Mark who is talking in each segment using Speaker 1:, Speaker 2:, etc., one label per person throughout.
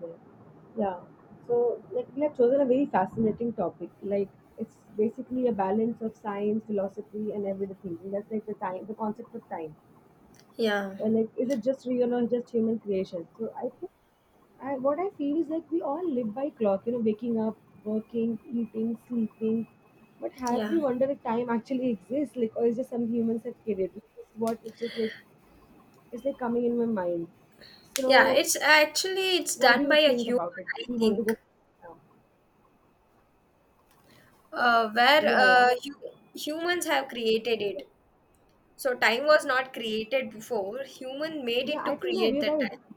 Speaker 1: Yeah. Yeah. So, like, we have chosen a very fascinating topic. Like, it's basically a balance of science, philosophy, and everyday thinking. That's like the time, the concept of time.
Speaker 2: Yeah,
Speaker 1: Like, is it just real or just human creation? So, I think, what I feel is like we all live by clock. You know, waking up, working, eating, sleeping. But have
Speaker 2: yeah,
Speaker 1: we wondered if time actually exists? Like, or is just some humans have created? This is what it's just like. It's like coming in my mind.
Speaker 2: yeah.
Speaker 1: So,
Speaker 2: It's
Speaker 1: what do
Speaker 2: done
Speaker 1: you
Speaker 2: by a
Speaker 1: think
Speaker 2: human,
Speaker 1: about it?
Speaker 2: I
Speaker 1: We want to
Speaker 2: think,
Speaker 1: go now.
Speaker 2: where
Speaker 1: Yeah, yeah.
Speaker 2: humans have created it. So time was not created before. Human made
Speaker 1: Yeah,
Speaker 2: it to
Speaker 1: I think, yeah,
Speaker 2: create
Speaker 1: we're
Speaker 2: the
Speaker 1: right.
Speaker 2: time.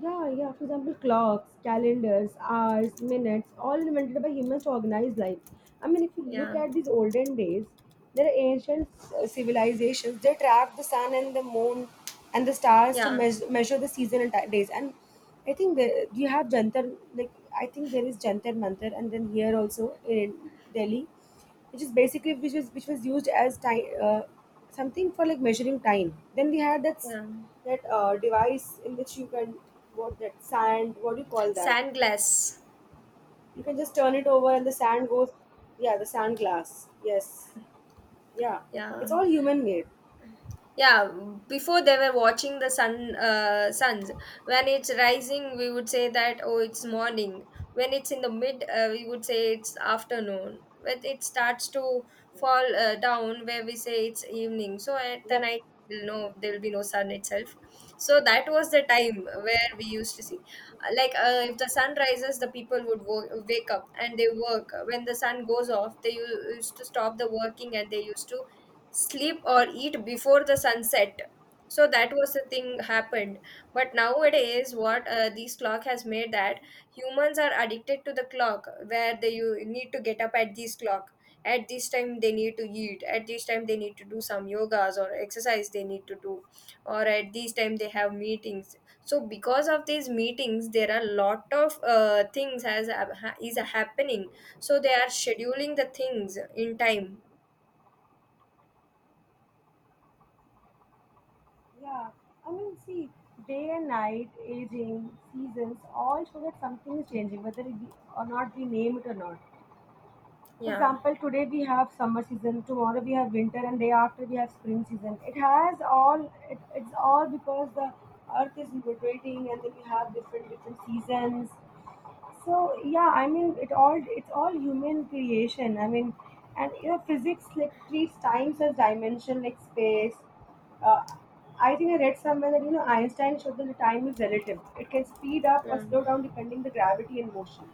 Speaker 1: Yeah, yeah. For example, clocks, calendars, hours, minutes, all invented by humans to organize life. I mean, if you look
Speaker 2: Yeah,
Speaker 1: at these olden days, there are ancient civilizations. They tracked the sun and the moon and the stars to
Speaker 2: yeah,
Speaker 1: measure the season and days. And I think you have Jantar, like I think there is Jantar Mantar, and then here also in Delhi, which is basically which was used as time something for like measuring time. Then we had that
Speaker 2: yeah.
Speaker 1: device in which you can, what that sand, what do you call that,
Speaker 2: Sand glass.
Speaker 1: you can just turn it over and the sand goes, yeah, the sand glass, yes, yeah, it's
Speaker 2: Yeah.
Speaker 1: all human made.
Speaker 2: Yeah, before they were watching the sun, suns, when it's rising we would say that oh it's morning, when it's in the mid, we would say it's afternoon, when it starts to fall down where we say it's evening, so at the
Speaker 1: Yep.
Speaker 2: night we'll know there will be no sun itself. So that was the time where we used to see. If the sun rises the people would wake up and they work, when the sun goes off they used to stop the working and they used to sleep or eat before the sunset. So that was the thing happened. But nowadays what this clock has made that humans are addicted to the clock, where they, you need to get up at this clock, at this time they need to eat, at this time they need to do some yogas or exercise they need to do, or at this time they have meetings. So because of these meetings there are a lot of things has is happening. So they are scheduling the things in time.
Speaker 1: Yeah, I mean, see, day and night, aging, seasons, all show that something is changing, whether we name it or not. For
Speaker 2: Yeah.
Speaker 1: example, today we have summer season, tomorrow we have winter, and day after we have spring season. It has all. It's all because the earth is rotating, and then we have different seasons. So yeah, I mean, it's all human creation. I mean, and you know, physics like treats times as dimension, like space. Uh, I think I read somewhere that you know Einstein showed that the time is relative. It can speed up or
Speaker 2: Yeah.
Speaker 1: slow down depending the gravity and motion.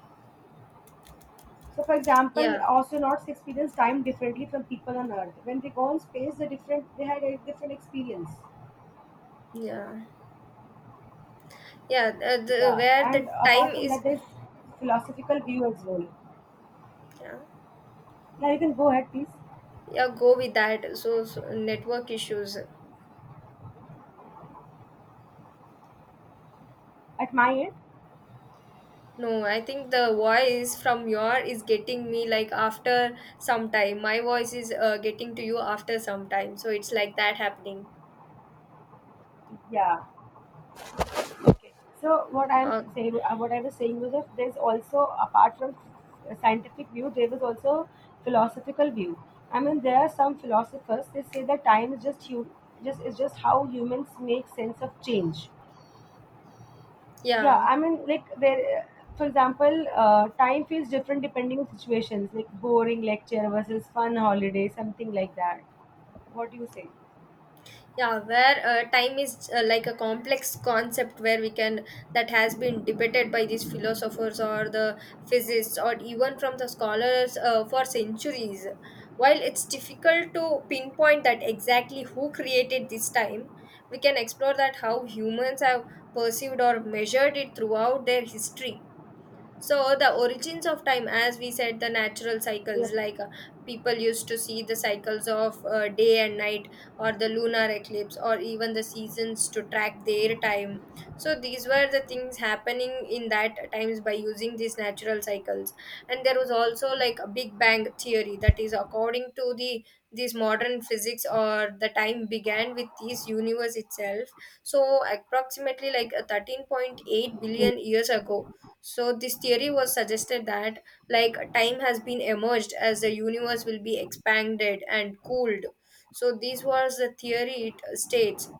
Speaker 1: So, for example,
Speaker 2: Yeah,
Speaker 1: astronauts experience time differently from people on Earth. When they go in space, they had a different experience.
Speaker 2: yeah, yeah.
Speaker 1: Yeah,
Speaker 2: Where
Speaker 1: and
Speaker 2: the time
Speaker 1: apart from
Speaker 2: is,
Speaker 1: that, there's philosophical view as well.
Speaker 2: yeah,
Speaker 1: Now you can go ahead, please.
Speaker 2: yeah. Go with that. So, so network issues.
Speaker 1: At my end,
Speaker 2: No, I think the voice from your is getting me like after some time. My voice is getting to you after some time. So it's like that happening.
Speaker 1: yeah. So what I'm
Speaker 2: Uh,
Speaker 1: to say, what I was saying was that there's also, apart from scientific view, there was also philosophical view. I mean, there are some philosophers they say that time is just you, just is just how humans make sense of change. Yeah,
Speaker 2: yeah.
Speaker 1: I mean, like, there, for example, time feels different depending on situations, like boring lecture versus fun holiday, something like that. What do you say?
Speaker 2: Yeah, where time is like a complex concept where we can, that has been debated by these philosophers or the physicists or even from the scholars for centuries. While it's difficult to pinpoint that exactly who created this time, we can explore that how humans have perceived or measured it throughout their history. So the origins of time, as we said, the natural cycles, like people used to see the cycles of day and night, or the lunar eclipse, or even the seasons to track their time. So these were the things happening in that times by using these natural cycles. And there was also like a Big Bang theory that is according to the, these modern physics, or the time began with this universe itself. So approximately like 13.8 billion years ago, so this theory was suggested that like time has been emerged as the universe will be expanded and cooled. So this was the theory it states.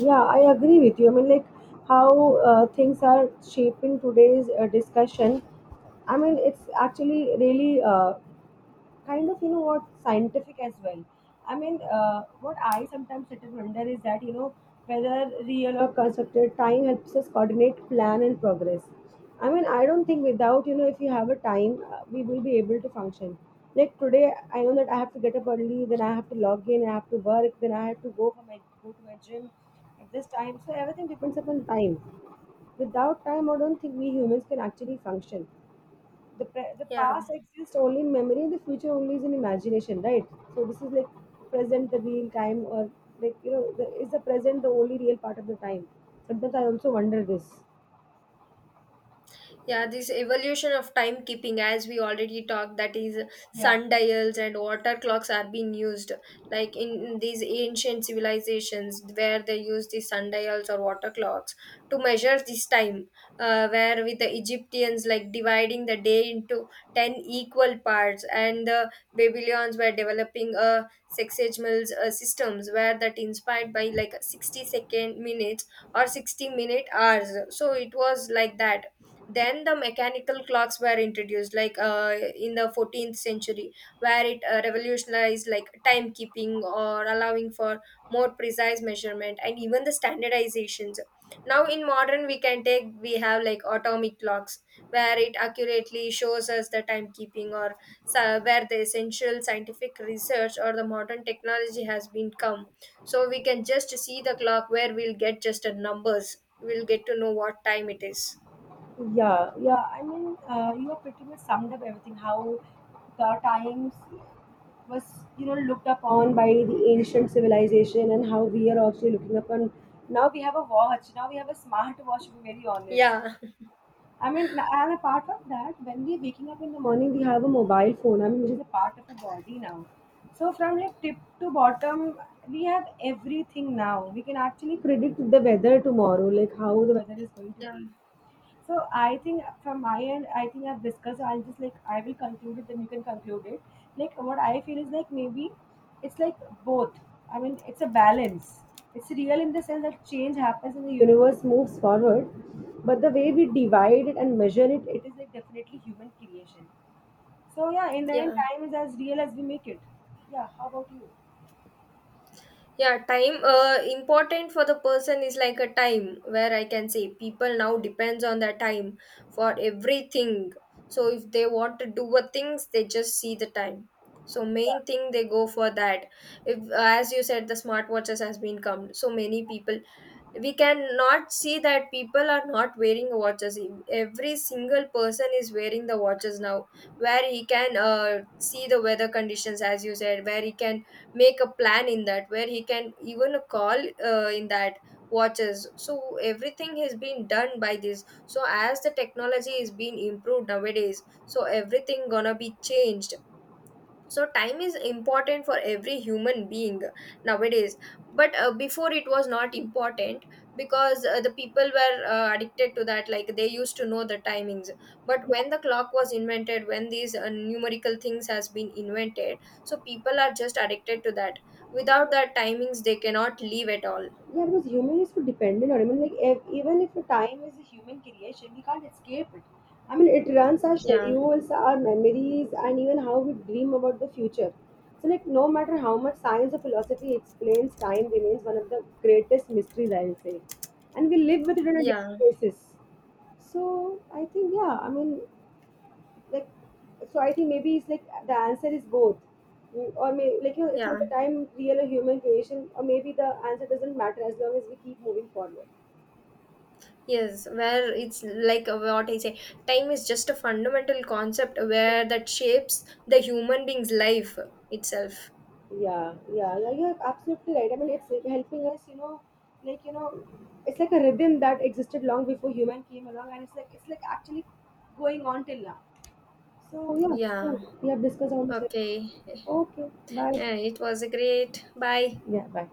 Speaker 1: Yeah, I agree with you. I mean, like, how things are shaping today's discussion. I mean, it's actually really kind of, you know what, scientific as well. I mean, what I sometimes sit and wonder is that, you know, whether real or constructed, time helps us coordinate, plan, and progress. I mean, I don't think, without, if you have a time, we will be able to function. Like today, I know that I have to get up early, then I have to log in, I have to work, then I have to go to my gym at this time. So everything depends upon time. Without time, I don't think we humans can actually function. The
Speaker 2: Yeah.
Speaker 1: past exists only in memory, the future only is in imagination, right? So this is like, present the real time, or, is the present the only real part of the time? Sometimes I also wonder this.
Speaker 2: Yeah, this evolution of timekeeping, as we already talked, that is
Speaker 1: Yeah.
Speaker 2: sundials and water clocks are being used, like in these ancient civilizations where they use the sundials or water clocks to measure this time. Where with the Egyptians, like dividing the day into 10 equal parts, and the Babylons were developing a sexagemal systems where that inspired by like 60-second minutes or 60-minute hours. So it was like that. Then the mechanical clocks were introduced, like in the 14th century, where it revolutionized like timekeeping or allowing for more precise measurement and even the standardizations. Now in modern we can take, we have like atomic clocks, where it accurately shows us the timekeeping. Or so where the essential scientific research or the modern technology has been come. So we can just see the clock where we'll get just a numbers, we'll get to know what time it is.
Speaker 1: Yeah, yeah, I mean, you have pretty much summed up everything. How the times was, you know, looked upon by the ancient civilization, and how we are also looking upon. Now we have a watch, now we have a smartwatch, to be very honest.
Speaker 2: Yeah.
Speaker 1: I mean, and apart from that, when we're waking up in the morning, we have a mobile phone, I mean, which is a part of our body now. So from like tip to bottom, we have everything now. We can actually predict the weather tomorrow, like how the weather is going to
Speaker 2: Yeah.
Speaker 1: be. So I think from my end, I think I've discussed. I'll just like I will conclude it, then you can conclude it. Like what I feel is like, maybe it's like both. I mean, it's a balance. It's real in the sense that change happens and the universe moves forward, but the way we divide it and measure it, it is like definitely human creation. So yeah, in the end,
Speaker 2: Yeah.
Speaker 1: time is as real as we make it. Yeah. How about you?
Speaker 2: Yeah, time, uh, important for the person is like a time where I can say people now depends on their time for everything. So if they want to do a things they just see the time, so main thing they go for that. If as you said the smartwatches has been come, so many people, we can not see that people are not wearing watches. E, every single person is wearing the watches now, where he can see the weather conditions as you said, where he can make a plan in that, where he can even call in that watches. So everything has been done by this, so as the technology is being improved nowadays, so everything gonna be changed. So time is important for every human being nowadays. But before it was not important, because the people were addicted to that, like they used to know the timings. But when the clock was invented, when these numerical things has been invented, so people are just addicted to that. Without that timings they cannot live at all.
Speaker 1: Yeah, because human is so dependent on it. I mean, like, if, even if the time is a human creation, we can't escape it. I mean, it runs our
Speaker 2: yeah
Speaker 1: schedules, our memories, and even how we dream about the future. So, like, no matter how much science or philosophy explains, time remains one of the greatest mysteries, I will say, and we live with it on a
Speaker 2: yeah
Speaker 1: daily basis. So, I think, yeah, I mean, like, so I think maybe it's like the answer is both. Mm, or maybe, like, you know, it's like,
Speaker 2: yeah
Speaker 1: the time real or human creation, or maybe the answer doesn't matter as long as we keep moving forward.
Speaker 2: Yes, where it's like what I say, time is just a fundamental concept where that shapes the human being's life itself.
Speaker 1: Yeah, yeah, yeah, you're absolutely right. I mean, it's helping us, you know, like you know it's like a rhythm that existed long before human came along, and it's like actually going on till now. So yeah, so
Speaker 2: Yeah.
Speaker 1: we have discussed all this.
Speaker 2: Okay.
Speaker 1: Okay. Bye.
Speaker 2: It was a great. Bye.
Speaker 1: Yeah, bye.